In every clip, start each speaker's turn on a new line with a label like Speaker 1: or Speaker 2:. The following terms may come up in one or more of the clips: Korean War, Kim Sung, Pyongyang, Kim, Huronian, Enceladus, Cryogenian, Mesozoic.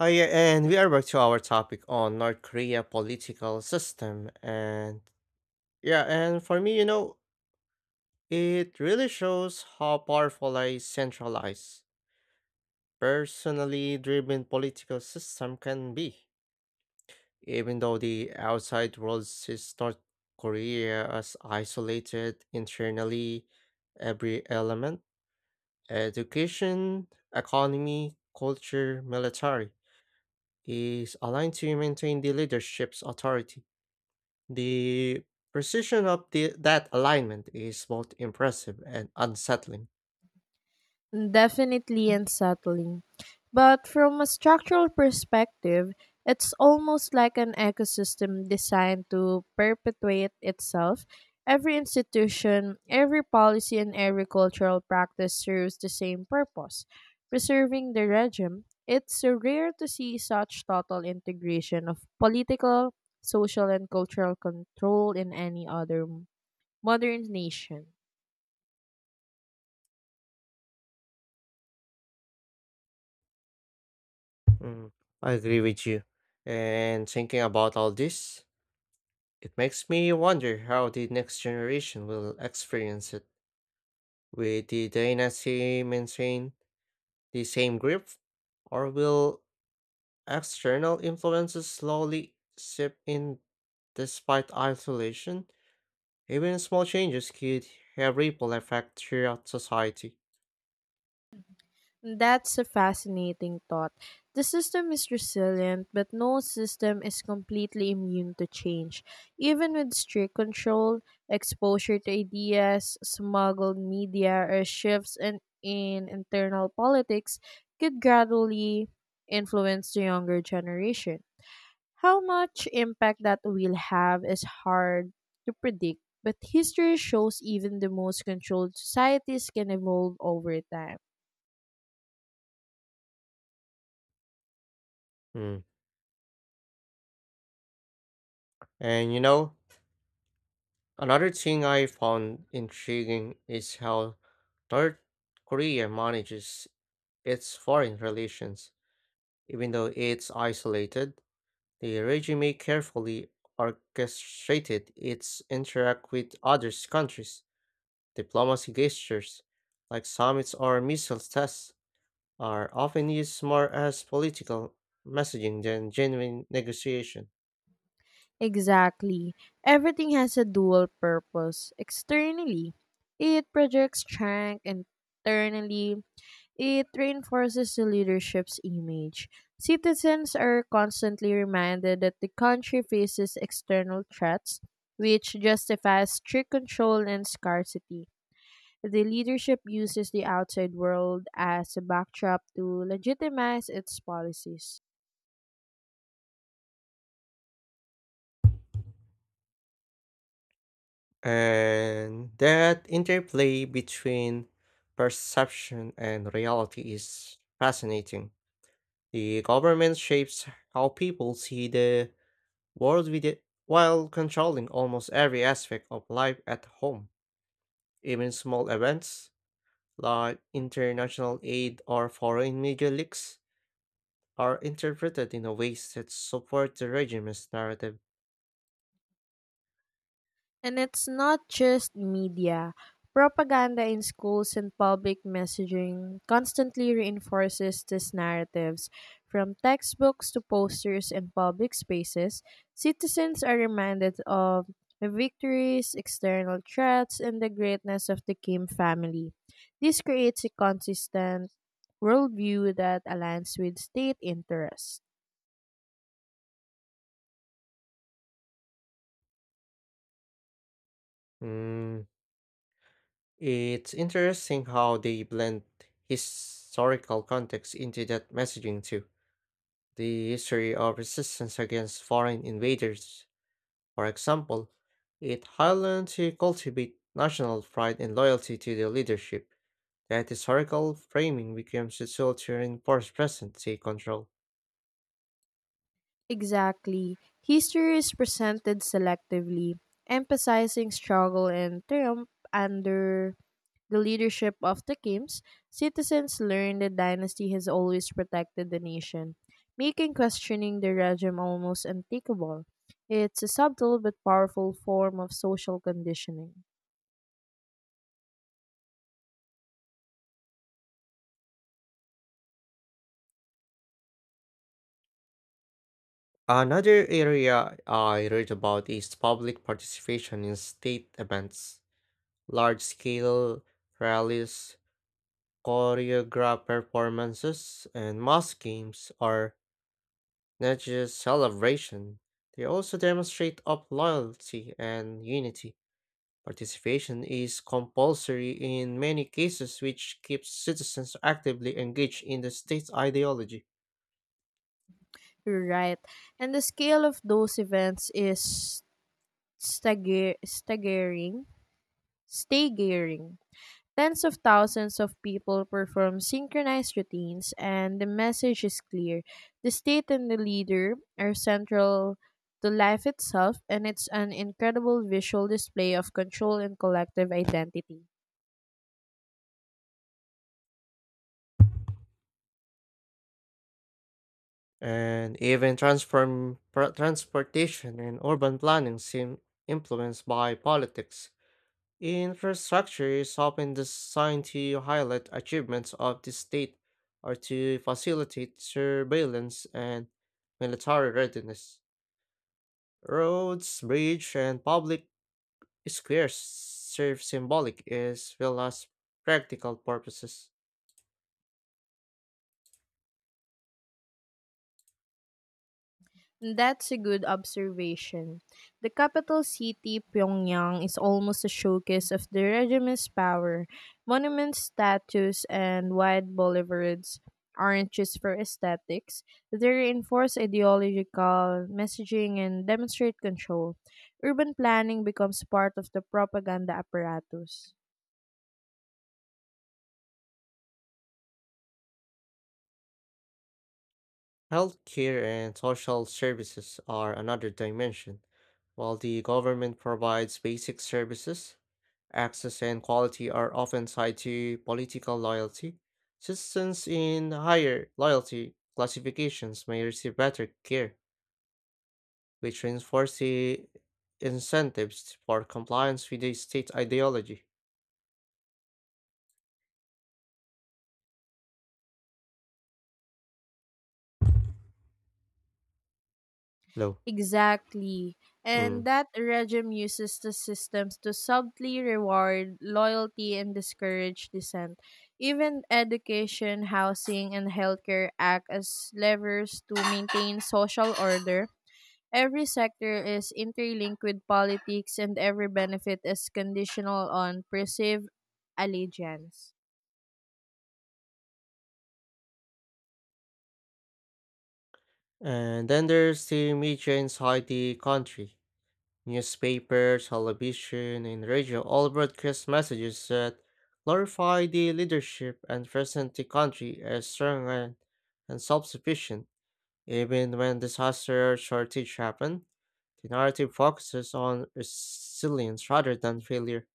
Speaker 1: Oh yeah, and we are back to our topic on North Korea political system. And yeah, and for me, it really shows how powerful a centralized, personally driven political system can be. Even though the outside world sees North Korea as isolated internally, every element, education, economy, culture, military, is aligned to maintain the leadership's authority. The precision of that alignment is both impressive and unsettling.
Speaker 2: Definitely unsettling. But from a structural perspective, it's almost like an ecosystem designed to perpetuate itself. Every institution, every policy, and every cultural practice serves the same purpose preserving the regime. It's so rare to see such total integration of political, social, and cultural control in any other modern nation.
Speaker 1: Mm, I agree with you. And thinking about all this, it makes me wonder how the next generation will experience it. Will the dynasty maintain the same grip, or will external influences slowly seep in despite isolation? Even small changes could have ripple effect throughout society.
Speaker 2: That's a fascinating thought. The system is resilient, but no system is completely immune to change. Even with strict control, exposure to ideas, smuggled media, or shifts in internal politics could gradually influence the younger generation. How much impact that will have is hard to predict, but history shows even the most controlled societies can evolve over time.
Speaker 1: Mm. And you know, another thing I found intriguing is how North Korea manages its foreign relations. Even though it's isolated, the regime carefully orchestrated its interact with other countries. Diplomacy gestures, like summits or missile tests, are often used more as political messaging than genuine negotiation.
Speaker 2: Exactly. Everything has a dual purpose. Externally, it projects strength. Internally, it reinforces the leadership's image. Citizens are constantly reminded that the country faces external threats, which justifies strict control and scarcity. The leadership uses the outside world as a backdrop to legitimize its policies.
Speaker 1: And that interplay between perception and reality is fascinating. The government shapes how people see the world with it while controlling almost every aspect of life at home. Even small events like international aid or foreign media leaks are interpreted in a ways that support the regime's narrative.
Speaker 2: And it's not just media. Propaganda in schools and public messaging constantly reinforces these narratives. From textbooks to posters and public spaces, citizens are reminded of the victories, external threats, and the greatness of the Kim family. This creates a consistent worldview that aligns with state interests.
Speaker 1: Mm, it's interesting how they blend historical context into that messaging too. The history of resistance against foreign invaders, for example, it highlights to cultivate national pride and loyalty to the leadership. That historical framing becomes a tool to reinforce present state control.
Speaker 2: Exactly. History is presented selectively, emphasizing struggle and triumph under the leadership of the Kims. Citizens learn the dynasty has always protected the nation, making questioning the regime almost unthinkable. It's a subtle but powerful form of social conditioning.
Speaker 1: Another area I read about is public participation in state events, large scale rallies, choreographed performances, and mass games are not just celebration, they also demonstrate of loyalty and unity. Participation is compulsory in many cases, which keeps citizens actively engaged in the state's ideology.
Speaker 2: You're right. And the scale of those events is stagger- staggering. staggering. Tens of thousands of people perform synchronized routines, and the message is clear. The state and the leader are central to life itself, and it's an incredible visual display of control and collective identity.
Speaker 1: And even transportation and urban planning seem influenced by politics. Infrastructure is often designed to highlight achievements of the state or to facilitate surveillance and military readiness. Roads, bridges, and public squares serve symbolic as well as practical purposes.
Speaker 2: That's a good observation. The capital city, Pyongyang, is almost a showcase of the regime's power. Monuments, statues, and wide boulevards aren't just for aesthetics, they reinforce ideological messaging and demonstrate control. Urban planning becomes part of the propaganda apparatus.
Speaker 1: Healthcare and social services are another dimension. While the government provides basic services, access and quality are often tied to political loyalty. Citizens in higher loyalty classifications may receive better care, which reinforces the incentives for compliance with the state ideology. Low.
Speaker 2: Exactly. And
Speaker 1: Mm.
Speaker 2: that regime uses the systems to subtly reward loyalty and discourage dissent. Even education, housing, and healthcare act as levers to maintain social order. Every sector is interlinked with politics, and every benefit is conditional on perceived allegiance.
Speaker 1: And then there's the media inside the country. Newspaper, television, and radio all broadcast messages that glorify the leadership and present the country as strong and self sufficient. Even when disaster or shortage happen, the narrative focuses on resilience rather than failure.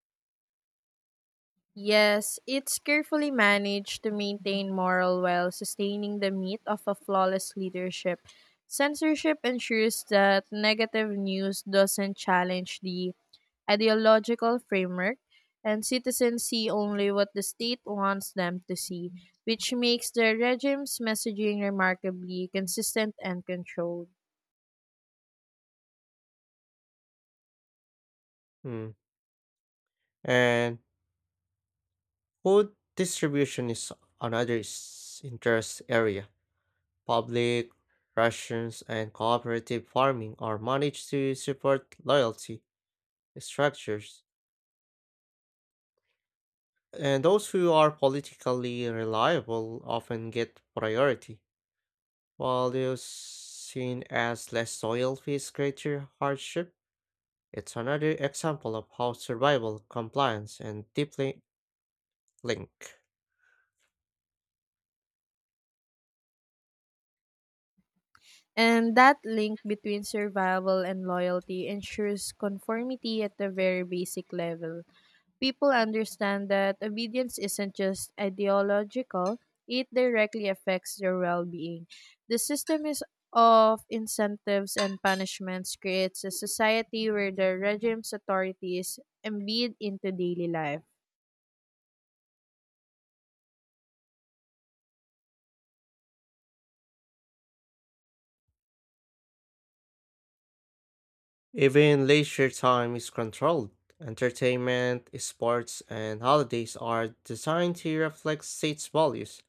Speaker 2: Yes, it's carefully managed to maintain morale while sustaining the myth of a flawless leadership. Censorship ensures that negative news doesn't challenge the ideological framework, and citizens see only what the state wants them to see, which makes the regime's messaging remarkably consistent and controlled.
Speaker 1: Mm. And food distribution is another interest area. Public rations and cooperative farming are managed to support loyalty structures, and those who are politically reliable often get priority, while those seen as less loyal face greater hardship. It's another example of how survival, compliance, and deeply link.
Speaker 2: And that link between survival and loyalty ensures conformity at the very basic level. People understand that obedience isn't just ideological, it directly affects their well being. The system is of incentives and punishments creates a society where the regime's authority is embedded into daily life.
Speaker 1: Even leisure time is controlled. Entertainment, sports, and holidays are designed to reflect state's values.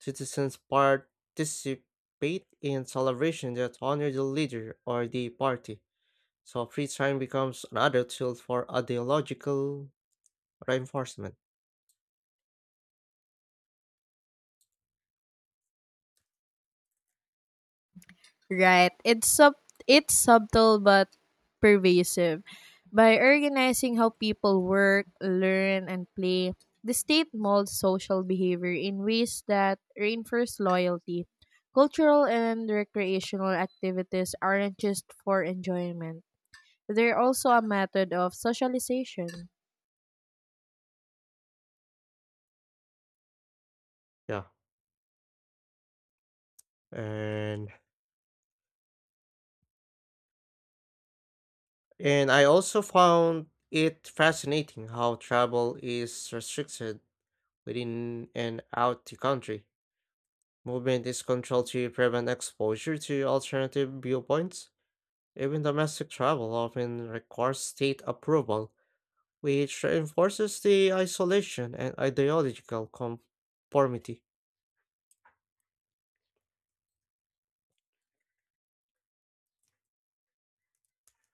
Speaker 1: Citizens participate in celebrations that honor the leader or the party, so free time becomes another tool for ideological reinforcement.
Speaker 2: Right. It's subtle but pervasive. By organizing how people work, learn, and play, the state molds social behavior in ways that reinforce loyalty. Cultural and recreational activities aren't just for enjoyment. They're also a method of socialization.
Speaker 1: Yeah, and And I also found it fascinating how travel is restricted within and out the country. Movement is controlled to prevent exposure to alternative viewpoints. Even domestic travel often requires state approval, which reinforces the isolation and ideological conformity.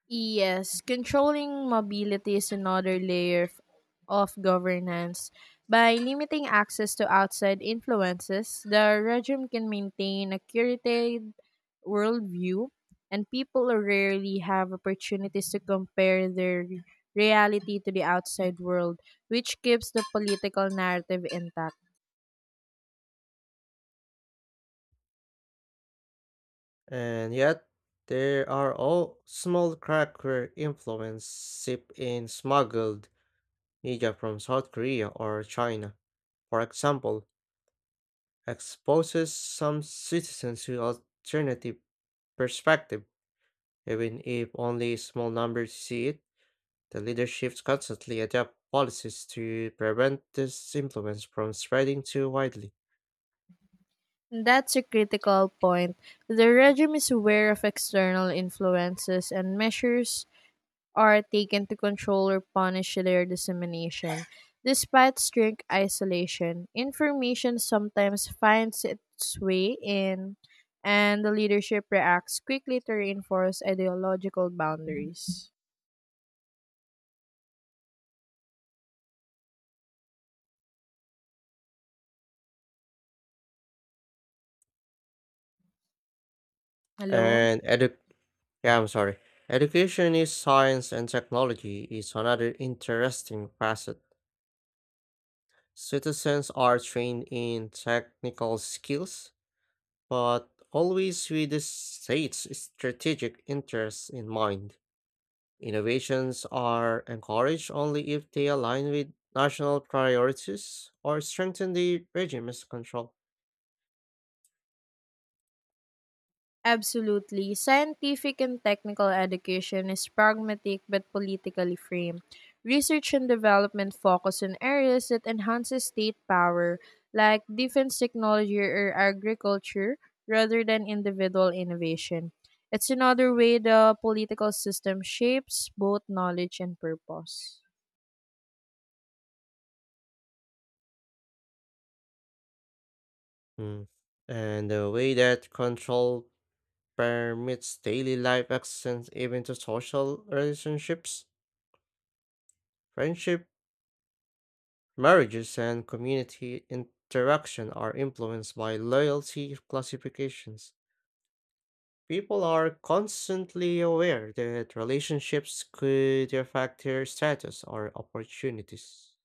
Speaker 2: Yes, controlling mobility is another layer of governance. By limiting access to outside influences, the regime can maintain a curated worldview, and people rarely have opportunities to compare their reality to the outside world, which keeps the political narrative intact.
Speaker 1: And yet, there are all small crack where influence seep in, smuggled media from South Korea or China, for example, exposes some citizens to alternative perspective, even if only a small numbers see it. The leaderships constantly adapt policies to prevent this influence from spreading too widely.
Speaker 2: That's a critical point. The regime is aware of external influences and measures are taken to control or punish their dissemination. Despite strict isolation, information sometimes finds its way in, and the leadership reacts quickly to reinforce ideological boundaries. Hello?
Speaker 1: And edu- yeah, I'm sorry. Education is science and technology is another interesting facet. Citizens are trained in technical skills, but always with the state's strategic interests in mind. Innovations are encouraged only if they align with national priorities or strengthen the regime's control.
Speaker 2: Absolutely. Scientific and technical education is pragmatic but politically framed. Research and development focus on areas that enhances state power, like defense technology or agriculture, rather than individual innovation. It's another way the political system shapes both knowledge and purpose.
Speaker 1: Hmm. And the way that control permits daily life access even to social relationships, friendship, marriages, and community interaction are influenced by loyalty classifications. People are constantly aware that relationships could affect their status or opportunities.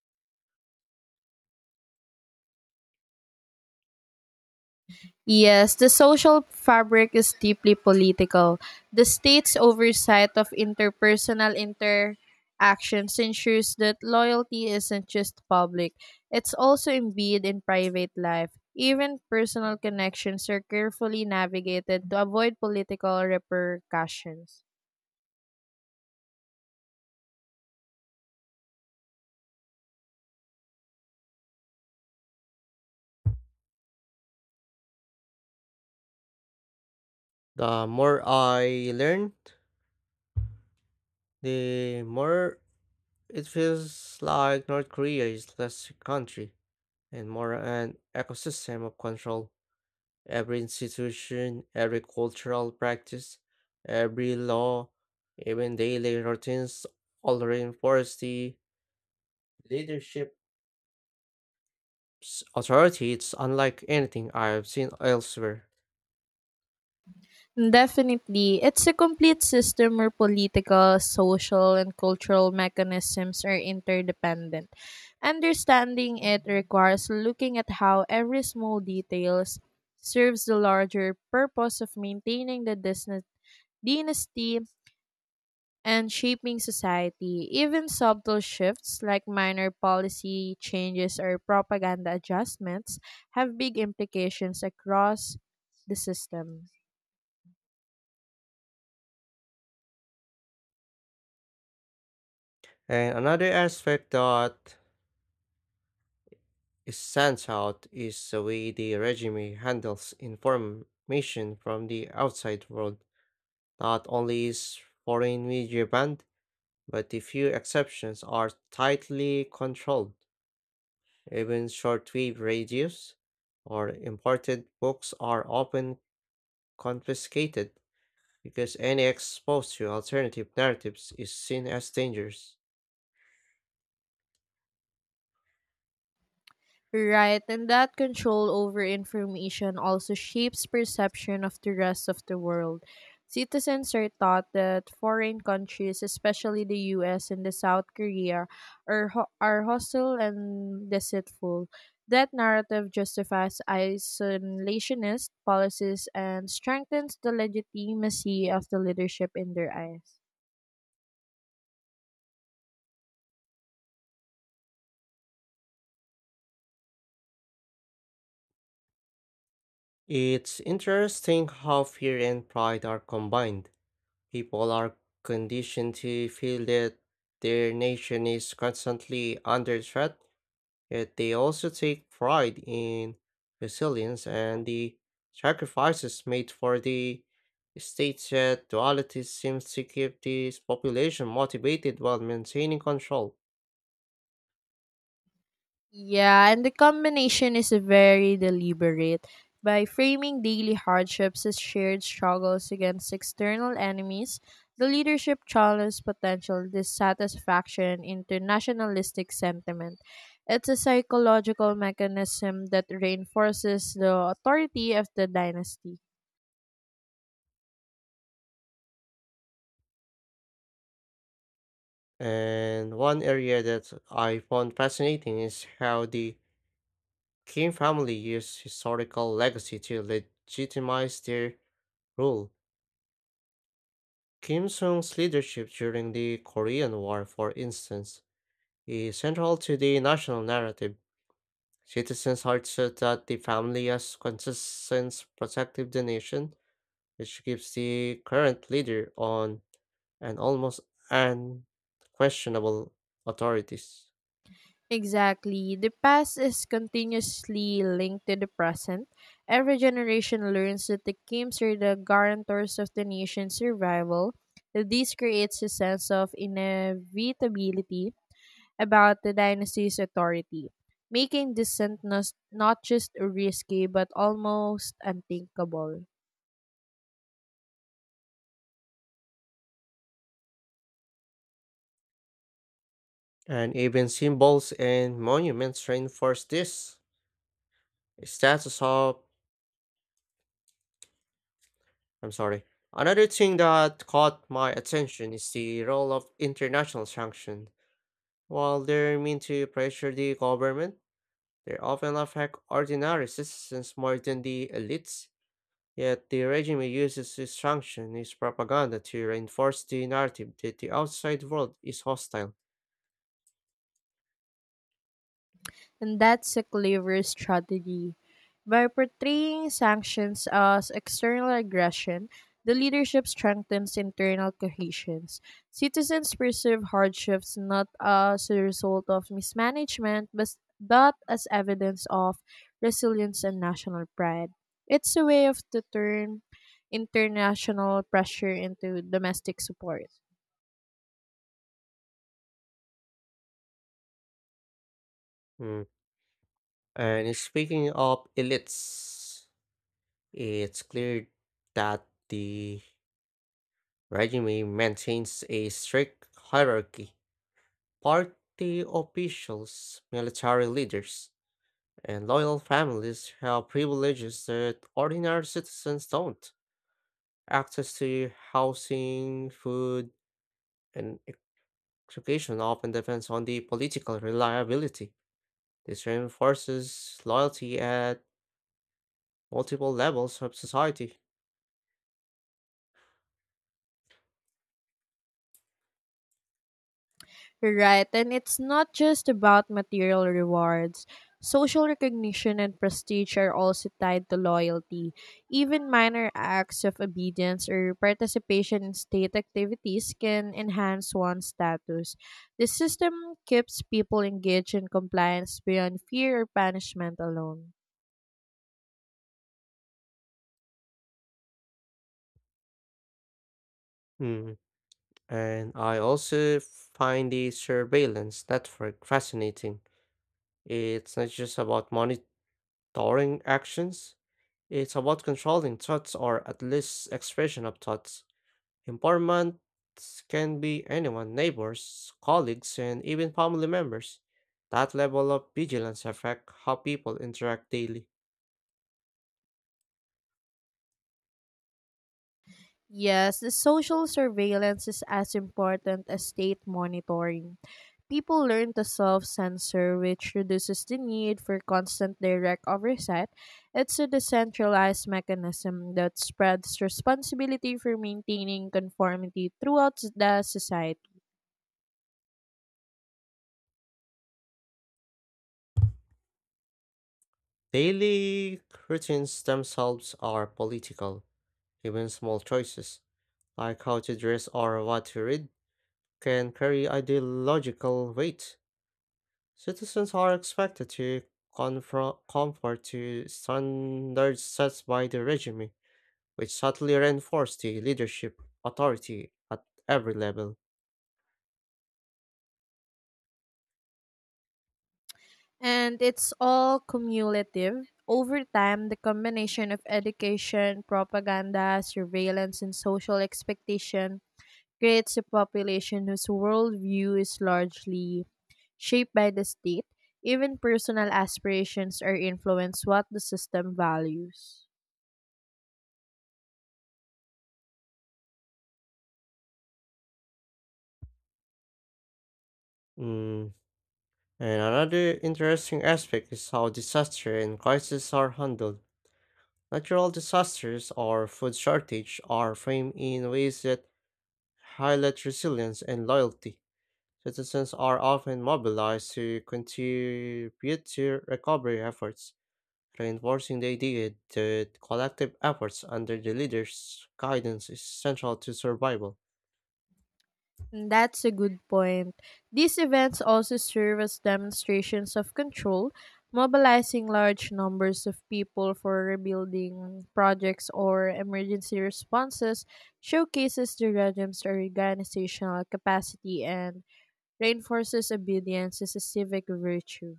Speaker 2: Yes, the social fabric is deeply political. The state's oversight of interpersonal interactions ensures that loyalty isn't just public, it's also embedded in private life. Even personal connections are carefully navigated to avoid political repercussions.
Speaker 1: The more I learned, the more it feels like North Korea is less a country and more an ecosystem of control. Every institution, every cultural practice, every law, even daily routines all reinforce the leadership authority. It's unlike anything I've seen elsewhere.
Speaker 2: Definitely, it's a complete system where political, social, and cultural mechanisms are interdependent. Understanding it requires looking at how every small details serves the larger purpose of maintaining the dynasty and shaping society. Even subtle shifts like minor policy changes or propaganda adjustments have big implications across the system.
Speaker 1: And another aspect that is stands out is the way the regime handles information from the outside world. Not only is foreign media banned, but the few exceptions are tightly controlled. Even shortwave radios or imported books are often confiscated because any exposure to alternative narratives is seen as dangerous.
Speaker 2: Right, and that control over information also shapes perception of the rest of the world. Citizens are taught that foreign countries, especially the US and the South Korea, are hostile and deceitful. That narrative justifies isolationist policies and strengthens the legitimacy of the leadership in their eyes.
Speaker 1: It's interesting how fear and pride are combined. People are conditioned to feel that their nation is constantly under threat, yet they also take pride in resilience and the sacrifices made for the states. That duality seems to keep this population motivated while maintaining control.
Speaker 2: Yeah, and the combination is very deliberate. By framing daily hardships as shared struggles against external enemies, the leadership channels potential dissatisfaction into nationalistic sentiment. It's a psychological mechanism that reinforces the authority of the dynasty.
Speaker 1: And one area that I found fascinating is how the Kim family used historical legacy to legitimize their rule. Kim Sung's leadership during the Korean War, for instance, is central to the national narrative. Citizens are taught that the family has consistent protected the nation, which gives the current leader on an almost unquestionable authorities.
Speaker 2: Exactly. The past is continuously linked to the present. Every generation learns that the Kims are the guarantors of the nation's survival. This creates a sense of inevitability about the dynasty's authority, making dissent not just risky but almost unthinkable.
Speaker 1: And even symbols and monuments reinforce this. Status of I'm sorry. Another thing that caught my attention is the role of international sanctions. While they're meant to pressure the government, they often affect ordinary citizens more than the elites. Yet the regime uses this sanction is propaganda to reinforce the narrative that the outside world is hostile.
Speaker 2: And that's a clever strategy. By portraying sanctions as external aggression, the leadership strengthens internal cohesions. Citizens perceive hardships not as a result of mismanagement, but as evidence of resilience and national pride. It's a way of to turn international pressure into domestic support.
Speaker 1: Mm. And speaking of elites, it's clear that the regime maintains a strict hierarchy. Party officials, military leaders, and loyal families have privileges that ordinary citizens don't. Access to housing, food, and education often depends on the political reliability. This reinforces loyalty at multiple levels of society.
Speaker 2: Right, and it's not just about material rewards. Social recognition and prestige are also tied to loyalty. Even minor acts of obedience or participation in state activities can enhance one's status. The system keeps people engaged in compliance beyond fear or punishment alone.
Speaker 1: Hmm, and I also find the surveillance network fascinating. It's not just about monitoring actions, it's about controlling thoughts or at least expression of thoughts. Informants can be anyone, neighbors, colleagues, and even family members. That level of vigilance affects how people interact daily.
Speaker 2: Yes, the social surveillance is as important as state monitoring. People learn to self censor, which reduces the need for constant direct oversight. It's a decentralized mechanism that spreads responsibility for maintaining conformity throughout the society.
Speaker 1: Daily routines themselves are political. Even small choices, like how to dress or what to read, can carry ideological weight. Citizens are expected to confront conform to standards set by the regime, which subtly reinforce the leadership authority at every level.
Speaker 2: And it's all cumulative. Over time, the combination of education, propaganda, surveillance, and social expectation creates a population whose worldview is largely shaped by the state. Even personal aspirations are influenced what the system values.
Speaker 1: Mm. And another interesting aspect is how disaster and crises are handled. Natural disasters or food shortage are framed in ways that highlight resilience and loyalty. Citizens are often mobilized to contribute to recovery efforts reinforcing the idea that collective efforts under the leader's guidance is central to survival.
Speaker 2: And that's a good point. These events also serve as demonstrations of control, mobilizing large numbers of people for rebuilding projects or emergency responses showcases the regime's organizational capacity and reinforces obedience as a civic virtue.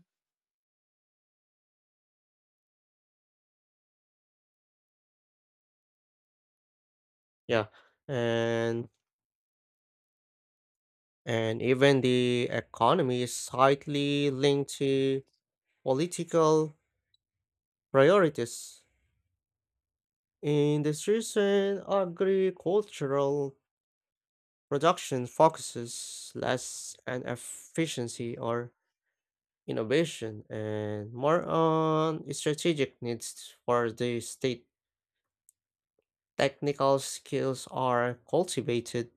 Speaker 1: Yeah, and and even the economy is slightly linked to political priorities. Industries and agricultural production focuses less on efficiency or innovation and more on strategic needs for the state. Technical skills are cultivated,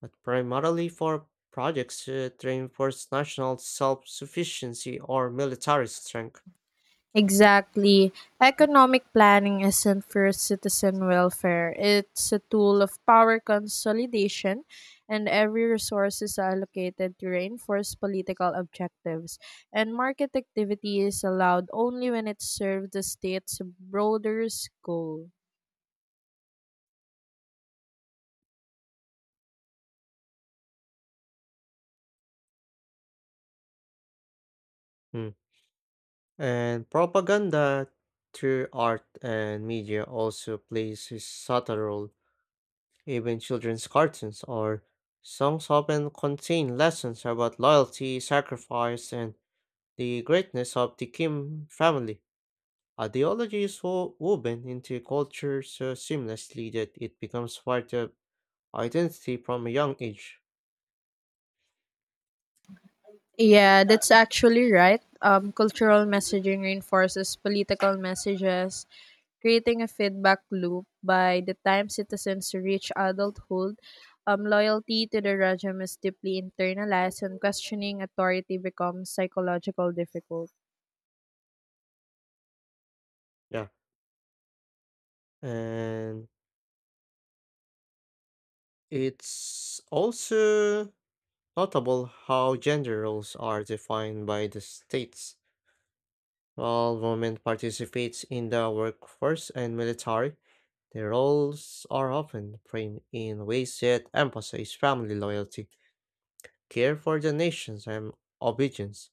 Speaker 1: but primarily for projects to reinforce national self sufficiency or military strength.
Speaker 2: Exactly. Economic planning isn't for citizen welfare. It's a tool of power consolidation, and every resource is allocated to reinforce political objectives. And market activity is allowed only when it serves the state's broader goal.
Speaker 1: Hmm. And propaganda through art and media also plays a subtle role. Even children's cartoons or songs often contain lessons about loyalty, sacrifice, and the greatness of the Kim family. Ideology is woven into culture so seamlessly that it becomes part of identity from a young age.
Speaker 2: Yeah, that's actually right. Cultural messaging reinforces political messages, creating a feedback loop. By the time citizens reach adulthood, loyalty to the regime is deeply internalized, and questioning authority becomes psychological difficult.
Speaker 1: Yeah. And it's also notable how gender roles are defined by the states. While women participate in the workforce and military, their roles are often framed in ways that emphasize family loyalty, care for the nations, and obedience.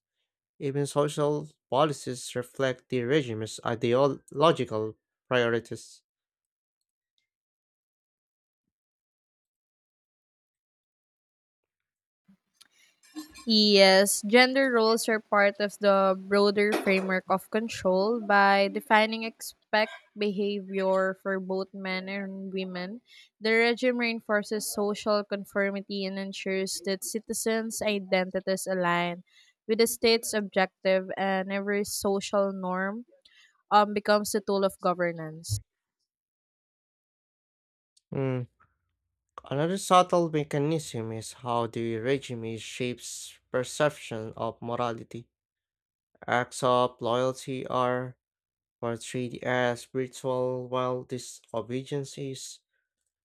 Speaker 1: Even social policies reflect the regime's ideological priorities.
Speaker 2: Yes, gender roles are part of the broader framework of control by defining expect behavior for both men and women. The regime reinforces social conformity and ensures that citizens' identities align with the state's objective and every social norm becomes a tool of governance.
Speaker 1: Mm, another subtle mechanism is how the regime shapes perception of morality. Acts of loyalty are portrayed as ritual, while disobedience is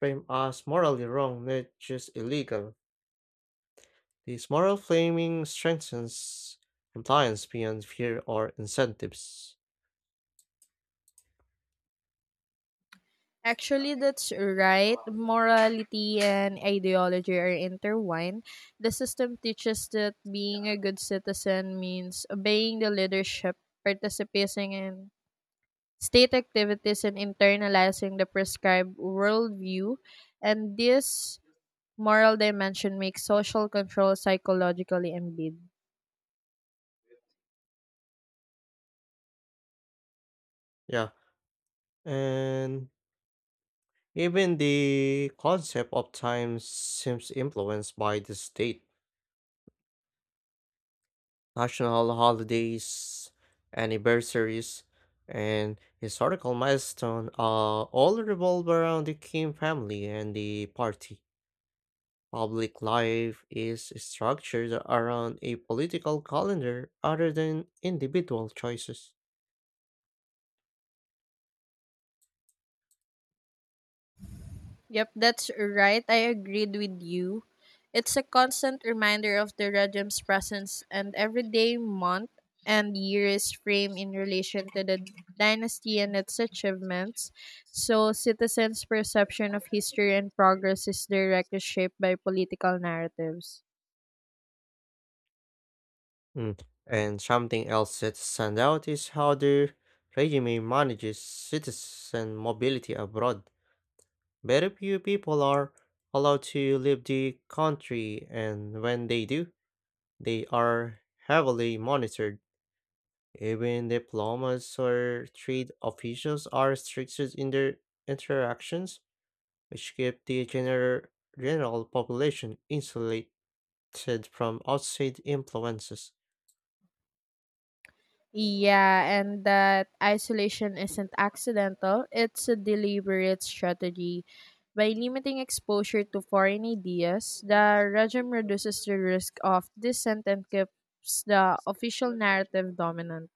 Speaker 1: framed as morally wrong, not just illegal. This moral framing strengthens compliance beyond fear or incentives.
Speaker 2: Actually, that's right. Morality and ideology are intertwined. The system teaches that being a good citizen means obeying the leadership, participating in state activities, and internalizing the prescribed worldview. And this moral dimension makes social control psychologically embedded.
Speaker 1: Yeah, and even the concept of time seems influenced by the state. National holidays, anniversaries, and historical milestones all revolve around the king family and the party. Public life is structured around a political calendar other than individual choices.
Speaker 2: Yep, that's right. I agreed with you. It's a constant reminder of the Rajam's presence, and every day, month, and year is framed in relation to the dynasty and its achievements. So, citizens' perception of history and progress is directly shaped by political narratives.
Speaker 1: Mm. And something else that stands out is how the regime manages citizen mobility abroad. Very few people are allowed to leave the country, and when they do, they are heavily monitored. Even diplomats or trade officials are restricted in their interactions, which keep the general population insulated from outside influences.
Speaker 2: Yeah, and that isolation isn't accidental, it's a deliberate strategy. By limiting exposure to foreign ideas, the regime reduces the risk of dissent and keeps the official narrative dominant.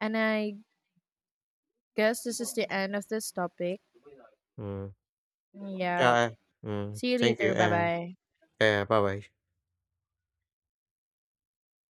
Speaker 2: And I guess this is the end of this topic.
Speaker 1: Mm.
Speaker 2: Yeah.
Speaker 1: Yeah. Mm.
Speaker 2: See you
Speaker 1: Thank you.
Speaker 2: later. Bye bye.
Speaker 1: Bye bye.